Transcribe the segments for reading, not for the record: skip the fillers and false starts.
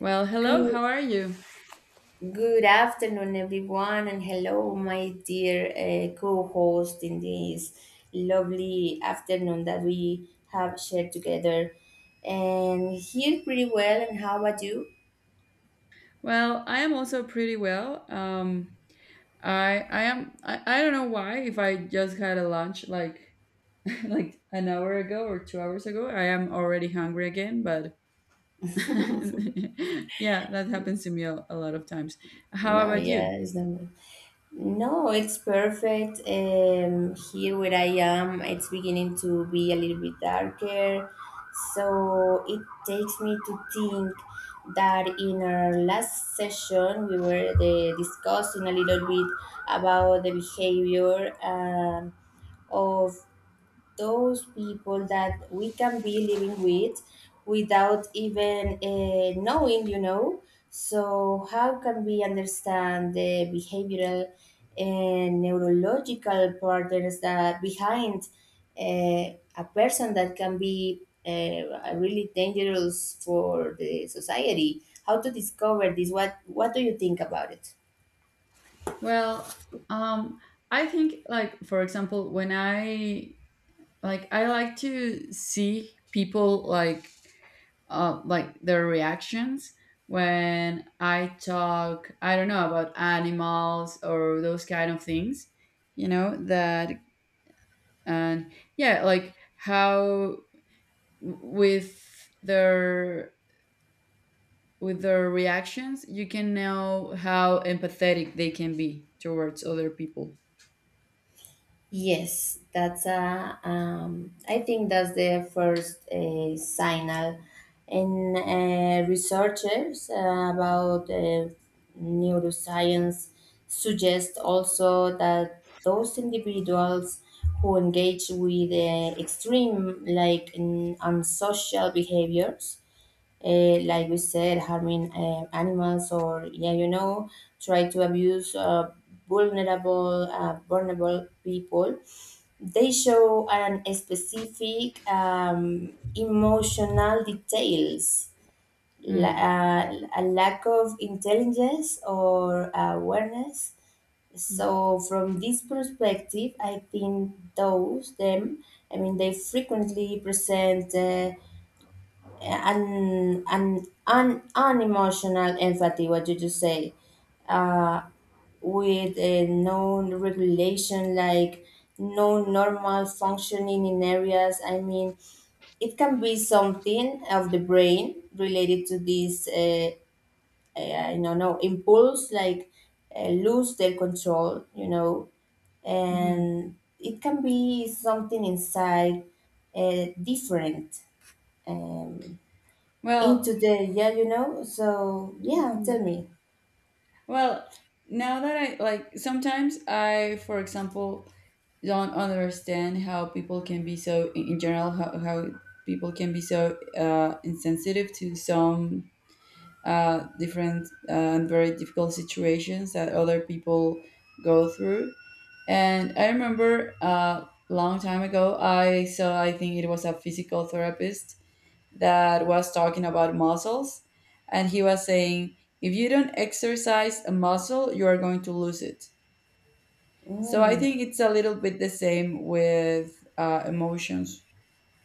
Well, hello. Good, How are you? good afternoon, everyone, and hello, my dear co-host in this lovely afternoon that we have shared together. And here pretty well, and how about you? Well, I am also pretty well. I don't know why if I just had a lunch like like an hour ago or 2 hours ago. I am already hungry again, but yeah, that happens to me a lot of times. How No, about you? yeah, it's not good. No, it's perfect. Here where I am, it's beginning to be a little bit darker. So it takes me to think that in our last session, we were discussing a little bit about the behavior of those people that we can be living with without even knowing. So, how can we understand the behavioral and neurological patterns that behind a person that can be really dangerous for the society? How to discover this? What do you think about it? Well, um, I think, like, for example, when I like to see people, like their reactions when I talk, I don't know, about animals or those kind of things, you know, that, and yeah, like how with their with their reactions you can know how empathetic they can be towards other people. Yes, that's a. I think that's the first signal, and researchers about neuroscience suggest also that those individuals who engage with extreme, like unsocial behaviors like we said, harming animals or yeah, try to abuse vulnerable people. They show an specific emotional details, Mm. A lack of intelligence or awareness. Hmm. So from this perspective, I think those them. I mean, they frequently present. An unemotional empathy what did you say uh, with a known regulation like no normal functioning in areas I mean it can be something of the brain related to this I don't know no, impulse like lose their control Mm-hmm. and it can be something inside different. Um. Well. Into the yeah. So yeah, tell Mhm. me. Well, now that, I like, sometimes I, for example, don't understand how people can be so, in general, how people can be so insensitive to some different and very difficult situations that other people go through. And I remember long time ago I saw, I think it was a physical therapist that was talking about muscles, and he was saying, if you don't exercise a muscle, you are going to lose it. So I Mm, think it's a little bit the same with emotions.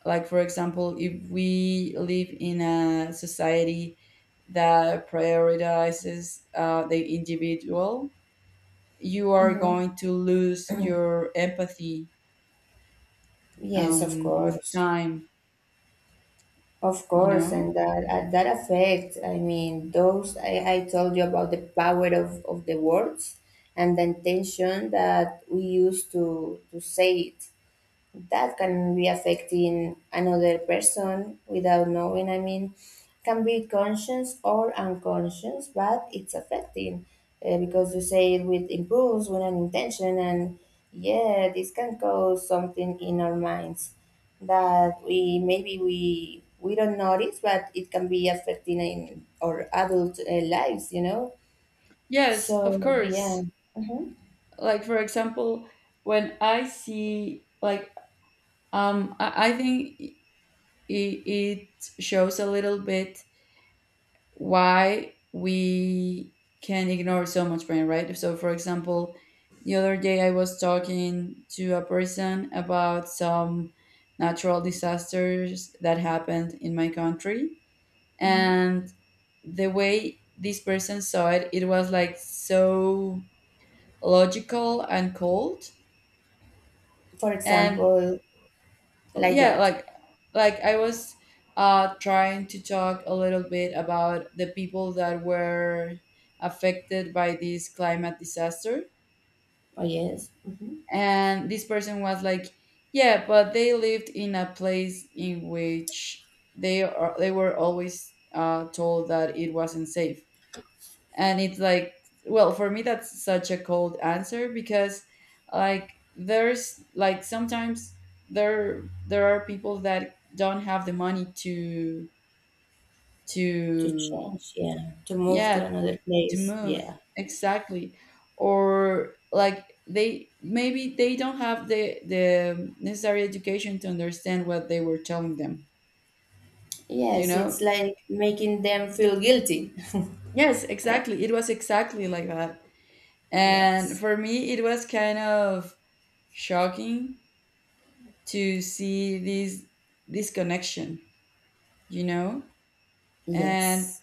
Like, for example, if we live in a society that prioritizes the individual, you are going to lose your empathy yes, with time, of you course, know? and that that affect. I mean, those I told you about the power of the words and the intention that we use to say it. That can be affecting another person without knowing. I mean, can be conscious or unconscious, but it's affecting because you say it with impulse, with an intention, and yeah, this can cause something in our minds that we maybe we don't notice, but it can be affecting in our adult lives. Yes, of So yeah, course. hmm Like, for example, when I see, like, I think it, it shows a little bit why we can ignore so much pain, right? So, for example, the other day I was talking to a person about some natural disasters that happened in my country, hmm and the way this person saw it, it was like so logical and cold. for And example, like yeah, what? like I was trying to talk a little bit about the people that were affected by this climate disaster, Oh yes. Mm-hmm. and this person was like, yeah, but they lived in a place in which they were always told that it wasn't safe. And it's like, well, for me that's such a cold answer, because, like, there's, like, sometimes there are people that don't have the money to To to change, yeah. To move to yeah, another to place, move, yeah. exactly. Or like, they, maybe they don't have the necessary education to understand what they were telling them, you Yes, know. it's like making them feel guilty. Yes, I- exactly, it was exactly like that. And yes. for me it was kind of shocking to see this, this connection, you know. and Yes.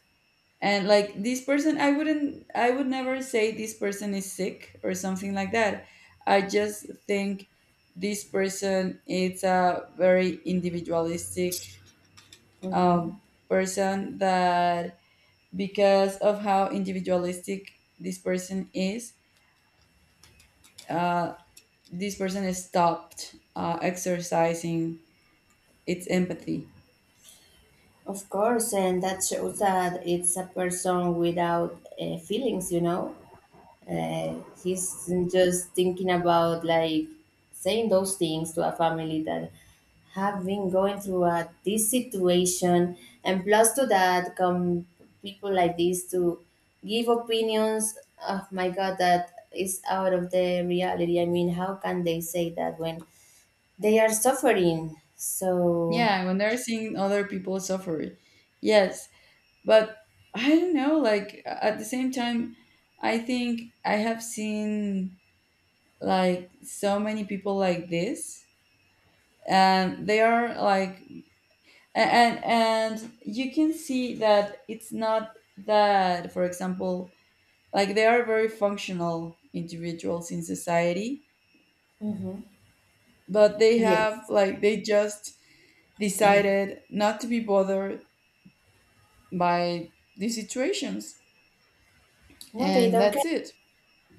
and like, this person, I would never say this person is sick or something like that. I just think this person is a very individualistic Hmm. um, person that, because of how individualistic this person is, uh, this person has stopped exercising its empathy. Of course, and that shows that it's a person without feelings, you know? uh, he's just thinking about like saying those things to a family that have been going through this situation and plus to that come people like this to give opinions. Oh my God, that is out of the reality. I mean, how can they say that when they are suffering so. Yeah, when they're seeing other people suffer. Yes, but I don't know, like, at the same time, I think I have seen, like, so many people like this, and they are like, and and you can see that it's not that, for example, like, they are very functional individuals in society, Mhm, but they yes. have, like, they just decided not to be bothered by these situations, No, they and don't. that's it.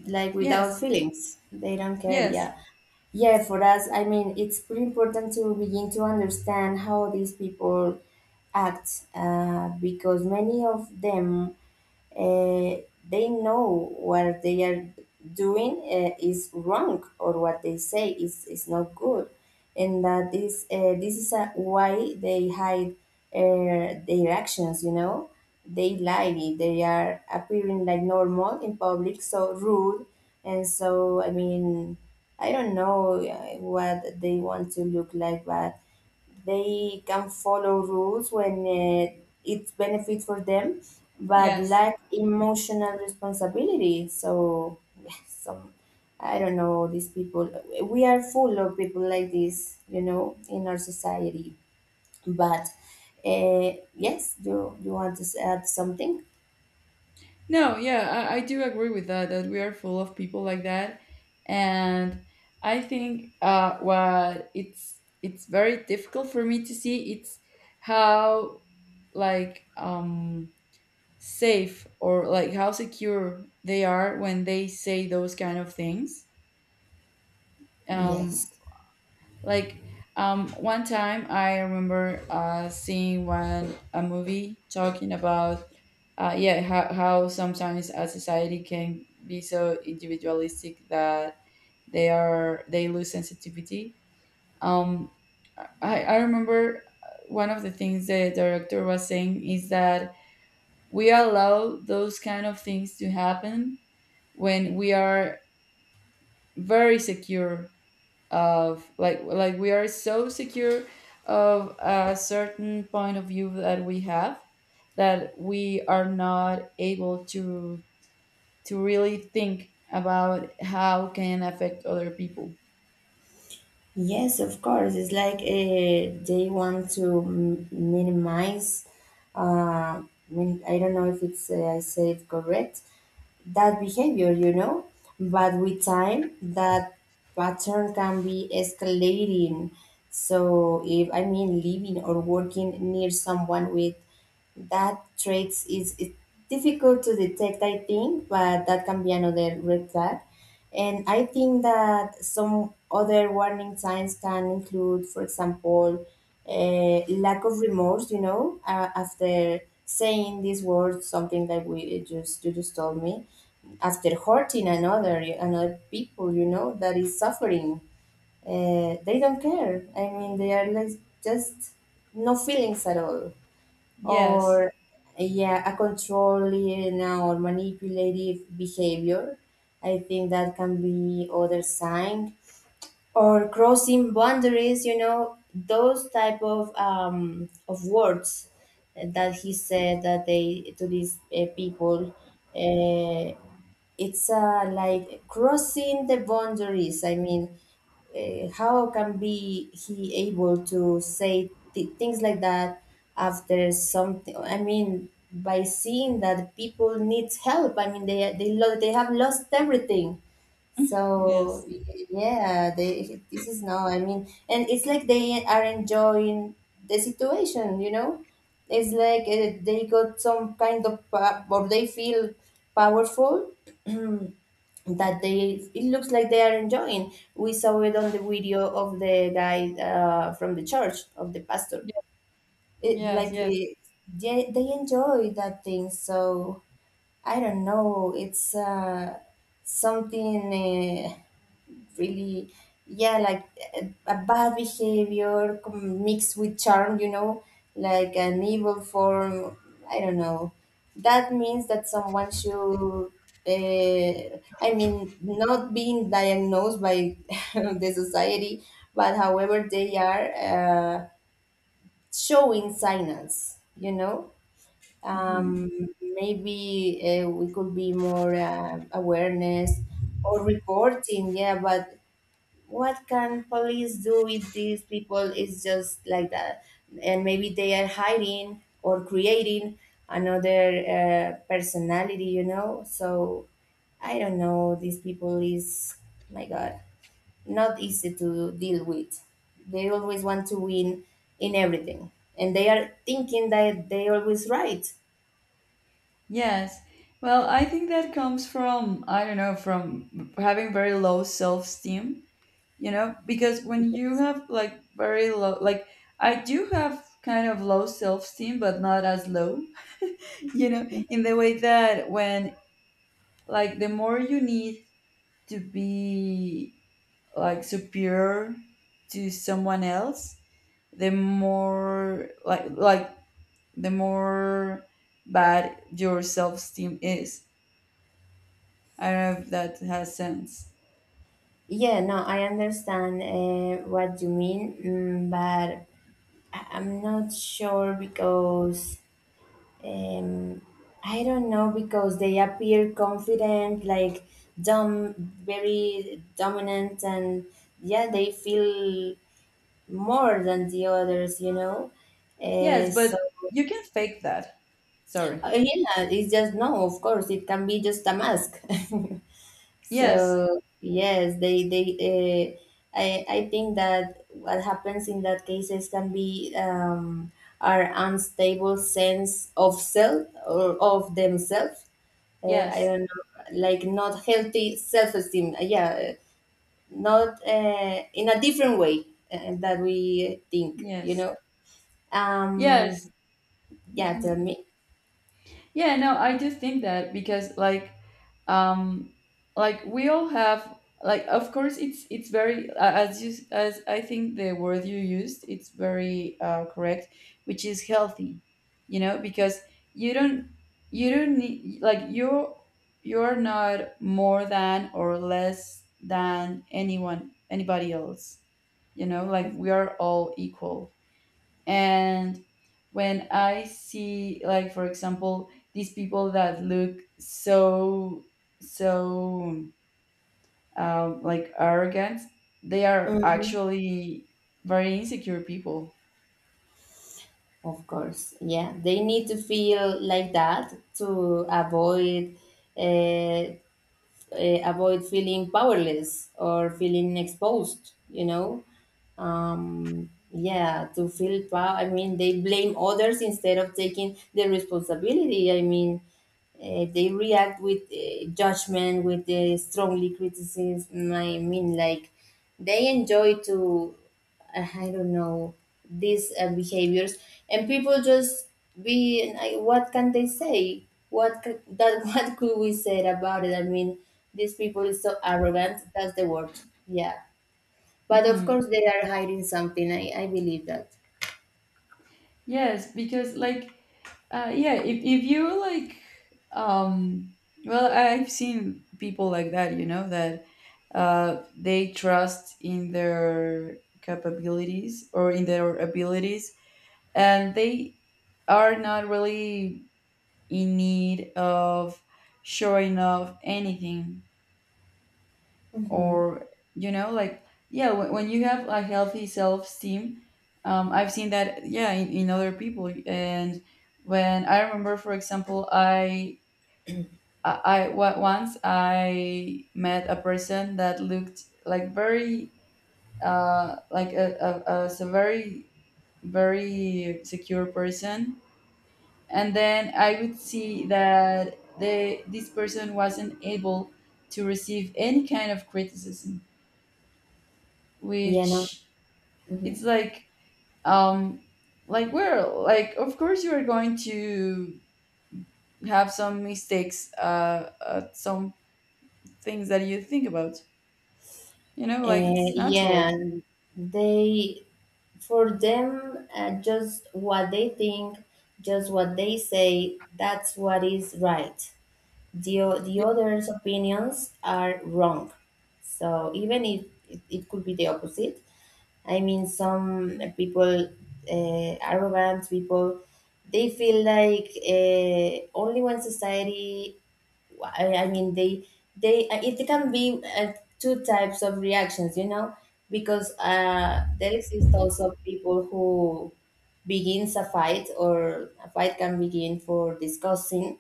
Like without Yes, feelings, they don't care, yes, yeah. Yeah, for us I mean it's pretty important to begin to understand how these people act because many of them uh, they know what they are doing is wrong or what they say is not good, and that this is why they hide their actions they lie, they are appearing like normal in public so rude, and so I mean I don't know what they want to look like, but they can follow rules when it's benefit for them, but yes. lack emotional responsibility. So, yeah, some I don't know these people. We are full of people like this, in our society. But yes, do you want to add something? No, yeah, I do agree with that, that we are full of people like that. And I think what it's very difficult for me to see, it's how, like, safe or like how secure they are when they say those kind of things. Um, Yes. like, one time, I remember seeing one a movie talking about yeah, how sometimes a society can be so individualistic that they lose sensitivity. Um, I remember one of the things the director was saying is that we allow those kind of things to happen when we are very secure of, like, we are so secure of a certain point of view that we have, that we are not able to really think about how can affect other people. Yes, of course. It's like they want to minimize. Uh, I don't know if it's I say it correct, that behavior, you know. But with time, that pattern can be escalating. So, if I mean living or working near someone with that traits is it's difficult to detect, I think, but that can be another red flag. And I think that some other warning signs can include, for example, lack of remorse, after saying these words, something that we it just you just told me, after hurting another people that is suffering, they don't care, I mean they are like just no feelings at all. Yes. Or yeah, a controlling or manipulative behavior, I think that can be other sign, or crossing boundaries, those type of words that he said that they to these people, uh, it's like crossing the boundaries. I mean, how can be he able to say things like that after something? I mean, by seeing that people need help. I mean, they they have lost everything. So Yes. yeah, they this is no. I mean, and it's like they are enjoying the situation. You know, it's like they got some kind of or they feel powerful that they it looks like they are enjoying. We saw it on the video of the guy from the church of the pastor. Ye- It yes. like Yes. They enjoy that thing. So I don't know. It's something. Really, yeah, like a bad behavior mixed with charm, like an evil form, I don't know, that means that someone should uh, I mean not being diagnosed by the society, but however they are uh, showing signals Mhm. um, Maybe we could be more awareness or reporting, yeah, but what can police do if these people is just like that, and maybe they are hiding or creating another personality, so I don't know, these people is, my God, not easy to deal with, they always want to win in everything, and they are thinking that they always right. Yes. Well, I think that comes from, I don't know, from having very low self-esteem. You know, because when you have, like, very low, like, I do have kind of low self-esteem, but not as low, you know, in the way that when, like, the more you need to be, like, superior to someone else, the more, like, the more bad your self-esteem is. I don't know if that has sense. Yeah, no, I understand what you mean, but I'm not sure because Um, I don't know because they appear confident, like dumb, very dominant, and yeah, they feel more than the others. Yes, but So you can fake that, sorry. Yeah, it's just no. Of course, it can be just a mask. Yes. So yes, they. Uh, I think that what happens in that cases can be our unstable sense of self or of themselves, I Yes. don't know, like not healthy self-esteem. Yeah, not in a different way that we think, you Yes. know. Um, Yes. yeah, tell Mhm. me. Yeah, no, I do think that, because, like, um like, we all have, like, of course, it's very as you, as I think the word you used, it's very correct, which is healthy. You know, because you don't, you don't need like you you're not more than or less than anyone anybody else, you know, like, we are all equal. And when I see, like, for example, these people that look so, so, like, arrogant, they are Hmm. actually very insecure people. Of course, yeah, they need to feel like that to avoid uh, avoid feeling powerless or feeling exposed, yeah, to feel power. I mean they blame others instead of taking the responsibility, I mean they react with judgment, with strongly criticism. I mean, like they enjoy to, I don't know, these behaviors, and people just be. What can they say? What could, that? What could we say about it? I mean, these people is so arrogant. That's the word. Yeah, but of Hmm. course they are hiding something. I believe that. Yes, because, like, yeah, if you, like, um well, I've seen people like that, you know, that, they trust in their capabilities or in their abilities, and they are not really in need of showing off anything. Mm-hmm. Or, you know, like, yeah, when you have a healthy self-esteem, I've seen that, yeah, in other people. And when I remember, for example, once I met a person that looked like very uh like a, as a very, very secure person, and then I would see that, they, this person wasn't able to receive any kind of criticism, Yeah, no. which Mm-hmm. it's like, um, like, we're like, of course you are going to have some mistakes, some things that you think about, you know, like, it's Yeah, natural. they For them, just what they think, just what they say, that's what is right. The Yeah. others' opinions are wrong. So even if it could be the opposite, I mean, some people, arrogant people, they feel like only one society, I mean they it can be two types of reactions because there exist also people who begins a fight or a fight can begin for discussing,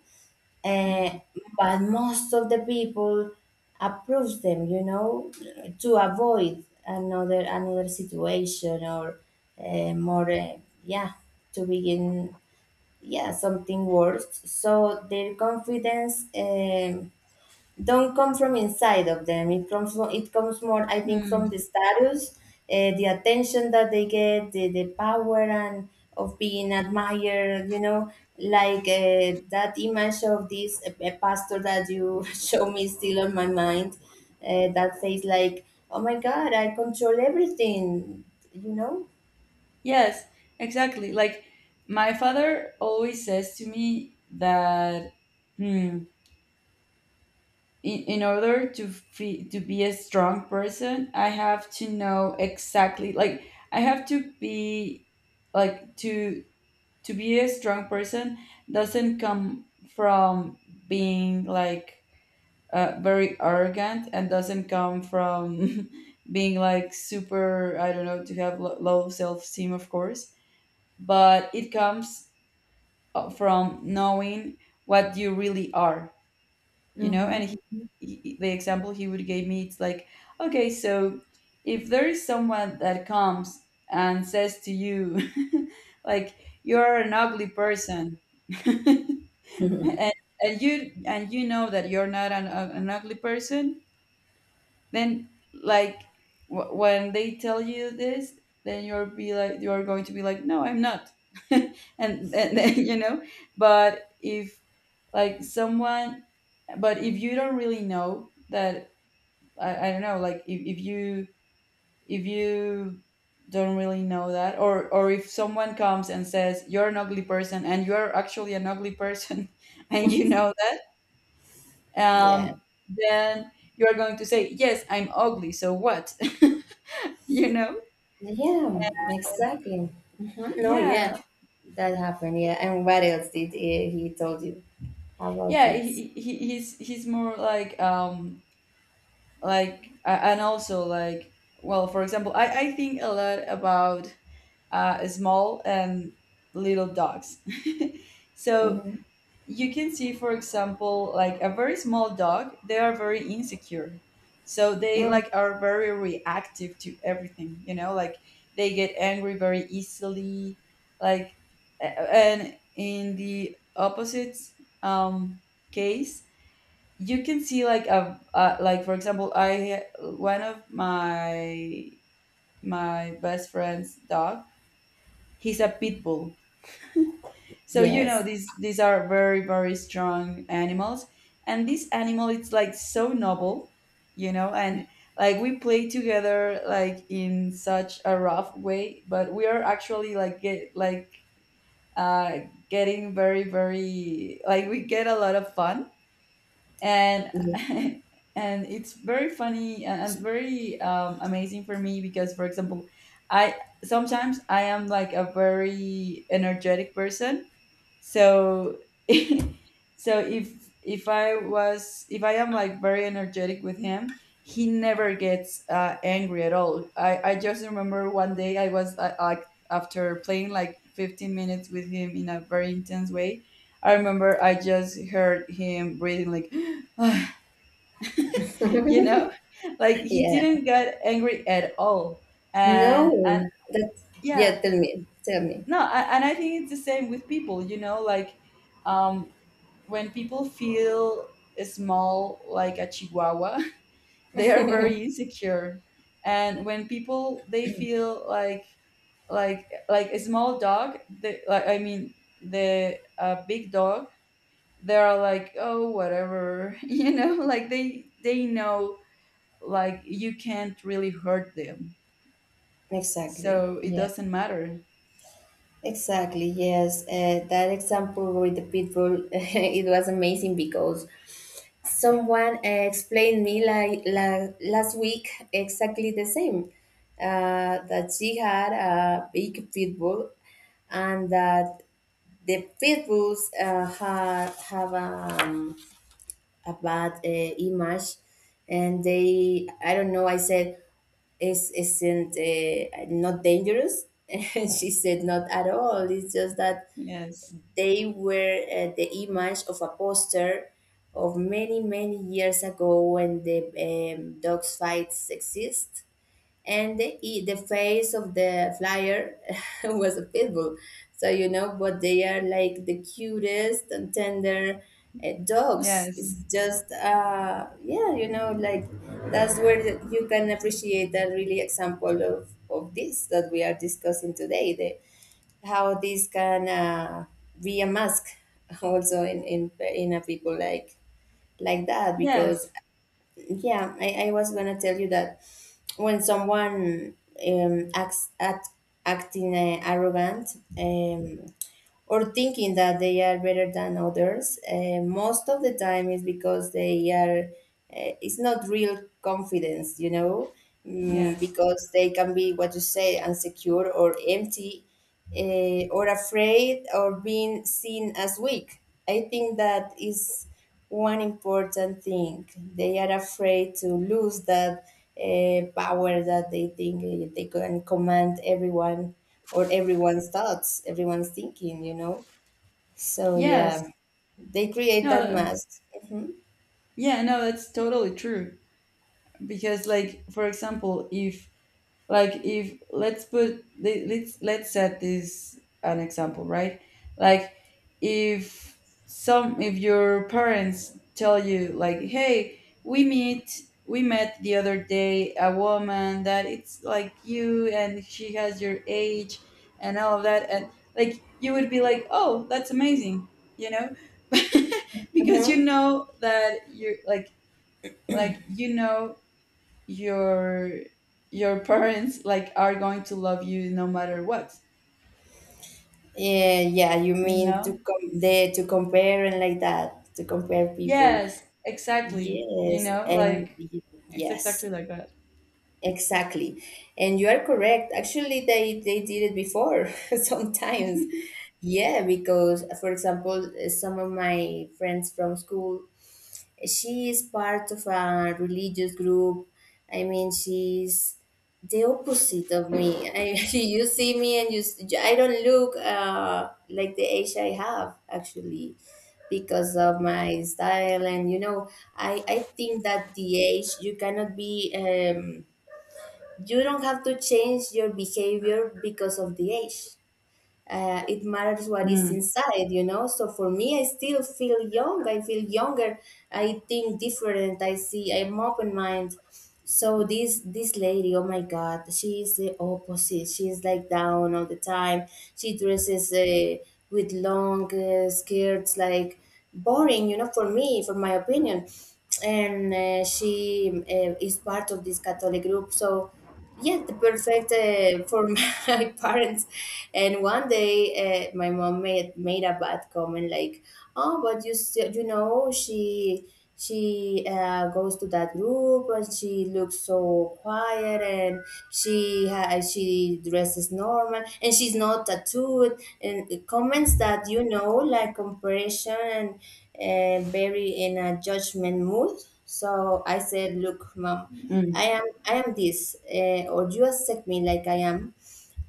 uh, Mhm. but most of the people approves them to avoid another situation or more yeah to begin yeah something worse, so their confidence don't come from inside of them. It comes from, it comes more, I think, from the Mm. status, the attention that they get, the power, and of being admired. You know, like that image of this pastor that you show me is still on my mind. That face, like, oh my God, I control everything. You know. Yes, exactly. Like, my father always says to me that, hmm, in order to fe to be a strong person, I have to know exactly, like, I have to be like to be a strong person doesn't come from being like very arrogant, and doesn't come from being like, super, I don't know, to have low self-esteem, of course. But it comes from knowing what you really are, you know. And Mm-hmm. he, the example he would give me, it's like, okay, so if there is someone that comes and says to you like, you're an ugly person, and, and you, and you know that you're not an, an ugly person, then, like, when they tell you this, then you're going to be like, no, I'm not. And then you know. But if, like, someone, but if you don't really know that, I don't know, like, if you, if you don't really know that, or if someone comes and says, you're an ugly person, and you're actually an ugly person and you know that, Yeah. um then you are going to say, yes, I'm ugly, so what? You know. Yeah, exactly. No, Yeah. yeah, that happened. Yeah, and what else did he told you about Yeah, this? he, he's he's more like, like, and also like, well, for example, I think a lot about small and little dogs. So hmm you can see, for example, like, a very small dog, they are very insecure. So they, Mm, like, are very reactive to everything, you know, like, they get angry very easily. Like, and in the opposite um, case, you can see like a like, for example, I one of my, my best friend's dog, he's a pit bull. So, you know, yes. these are very, very strong animals, and this animal, it's like, so noble, you know. And like, we play together, like, in such a rough way, but we are actually, like, uh getting very, very, like, we get a lot of fun, and. Yeah. And it's very funny, and very amazing for me, because, for example, I, sometimes I am like a very energetic person. So so if I was, if I am like very energetic with him, he never gets angry at all. I just remember one day I was like, after playing like 15 minutes with him in a very intense way, I remember, I just heard him breathing like, you know, like, he Yeah. didn't get angry at all. And No. That. yeah, Yeah. Tell me. Tell me. no, I, and I think it's the same with people, you know, like, um when people feel small, like a chihuahua, they are very insecure. And when people, they feel like, like a small dog, they like I mean, the a big dog, they are like, oh, whatever, you know, like, they know, like, you can't really hurt them, Exactly. so it Yeah. doesn't matter. Exactly, yes. That example with the pitbull, it was amazing because someone explained me like last week exactly the same, that she had a big pitbull, and that the pitbulls have a bad image, and they I don't know I said is isn't not dangerous, and she said not at all, it's just that Yes. they were the image of a poster of many many years ago when the dogs fights exist, and the face of the flyer was a pit bull. So but they are like the cutest and tender dogs. Yes. It's just, that's where you can appreciate that really example of this that we are discussing today. The how this can be a mask also in a people like that Yes. because yeah, I was gonna tell you that when someone acts at acting arrogant, or thinking that they are better than others. Most of the time is because they are. It's not real confidence, you know, Yes. because they can be what you say insecure or empty, or afraid or being seen as weak. I think that is one important thing. They are afraid to lose that power that they think they can command everyone or everyone's thoughts, everyone's thinking, you know? So, yeah, Yes. they create that No. mask. Mhm. Yeah, no, that's totally true. Because, like, for example, if, like, if, let's set this an example, right, like, if, some, if your parents tell you, like, hey, we met the other day a woman that it's like you and she has your age, and all of that. And, like, you would be like, oh, that's amazing, you know. Because you Mhm. know that you're like, you know, your your parents, like, are going to love you no matter what, Yeah, yeah, you you mean know. To compare and like that, to compare people. Yes, exactly, you Yes, know, and like, it's yes, exactly like that. Exactly. And you are correct. Actually, they did it before sometimes. Yeah, because for example, some of my friends from school, she is part of a religious group. I mean, she's the opposite of me. I, you see me and I don't look like the age I have actually because of my style. And you know, I think that the age you cannot be you don't have to change your behavior because of the age. It matters what is Mm. inside, you know. So for me, I still feel young. I feel younger. I think different. I see. I'm open mind. So this lady, oh my God, she is the opposite. She's like down all the time. She dresses with long skirts, like boring, you know. For me, for my opinion, and she is part of this Catholic group. So, yeah, the perfect for my parents. And one day, my mom made a bad comment like, "Oh, but you still, you know she." She goes to that group and she looks so quiet and she dresses normal and she's not tattooed and comments that, you know, like comparison, very in a judgment mood. So I said, "Look, mom, Mm. I am this, or you accept me like I am,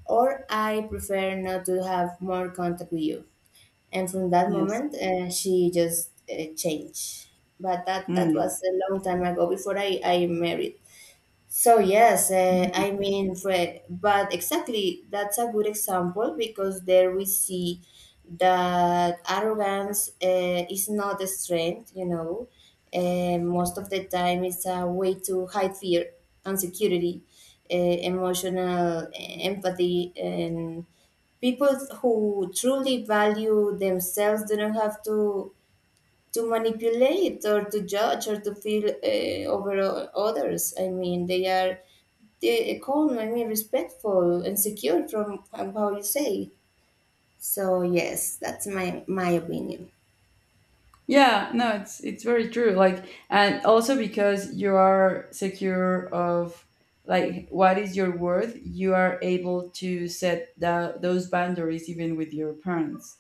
or I prefer not to have more contact with you." And from that Yes. moment, she just changed. But that Mm. was a long time ago before I married. So yes, Mhm. I mean, Fred, but exactly that's a good example because there we see that arrogance is not a strength, you know. Most of the time, it's a way to hide fear, insecurity, emotional empathy, and people who truly value themselves do not have to manipulate or to judge or to feel others. I mean, they are, they call me respectful and secure from how you say. So yes, that's my opinion. Yeah, no, it's, it's very true. Like, and also, because you are secure of, like, what is your worth, you are able to set the, those boundaries even with your parents,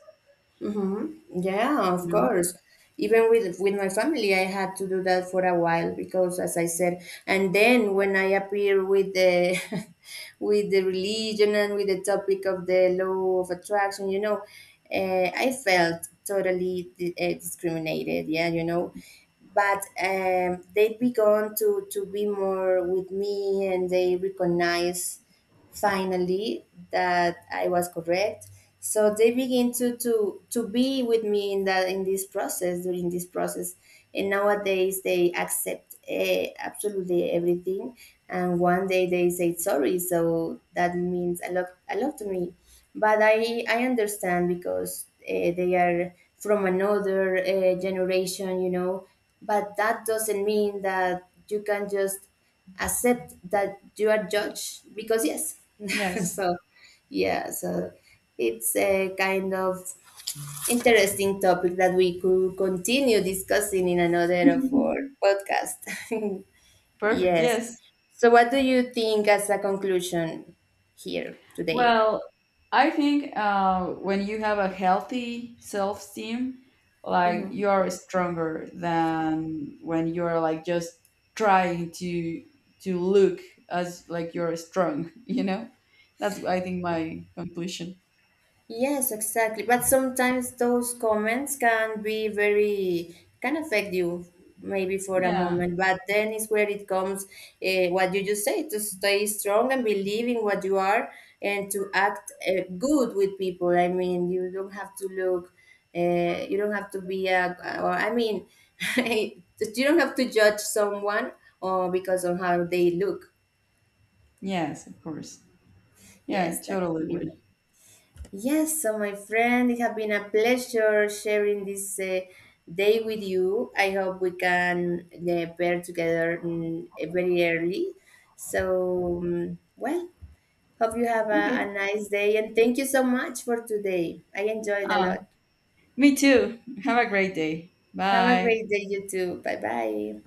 Mm-hmm. you Yeah, of know? course. Even with my family, I had to do that for a while because, as I said, and then when I appear with the with the religion and with the topic of the law of attraction, you know, I felt totally discriminated. Yeah, you know, but they began to be more with me and they recognize finally that I was correct. So they begin to be with me in that in this process during this process, and nowadays they accept absolutely everything. And one day they say sorry, so that means a lot to me. But I understand because they are from another generation, you know. But that doesn't mean that you can just accept that you are judged because yes Yes. so yeah so it's a kind of interesting topic that we could continue discussing in another of our podcast. Perfect. Yes. Yes. So what do you think as a conclusion here today? Well, I think when you have a healthy self esteem, like, you are stronger than when you're, like, just trying to look as like you're strong. You know, that's, I think, my conclusion. Yes, exactly. But sometimes those comments can be very, can affect you maybe for a Yeah. moment. But then is where it comes, what you just say, to stay strong and believe in what you are and to act good with people. I mean, you don't have to look, you don't have to be a, or I mean, you don't have to judge someone or because of how they look. Yes, of course. Yeah, Yes, that totally can be. agree. Yes, so my friend, it has been a pleasure sharing this day with you. I hope we can pair together, very early. So, well, hope you have a Okay. nice day and thank you so much for today. I enjoyed a Uh, lot. Me too. Have a great day. Have a Bye. great day, you too. Bye bye.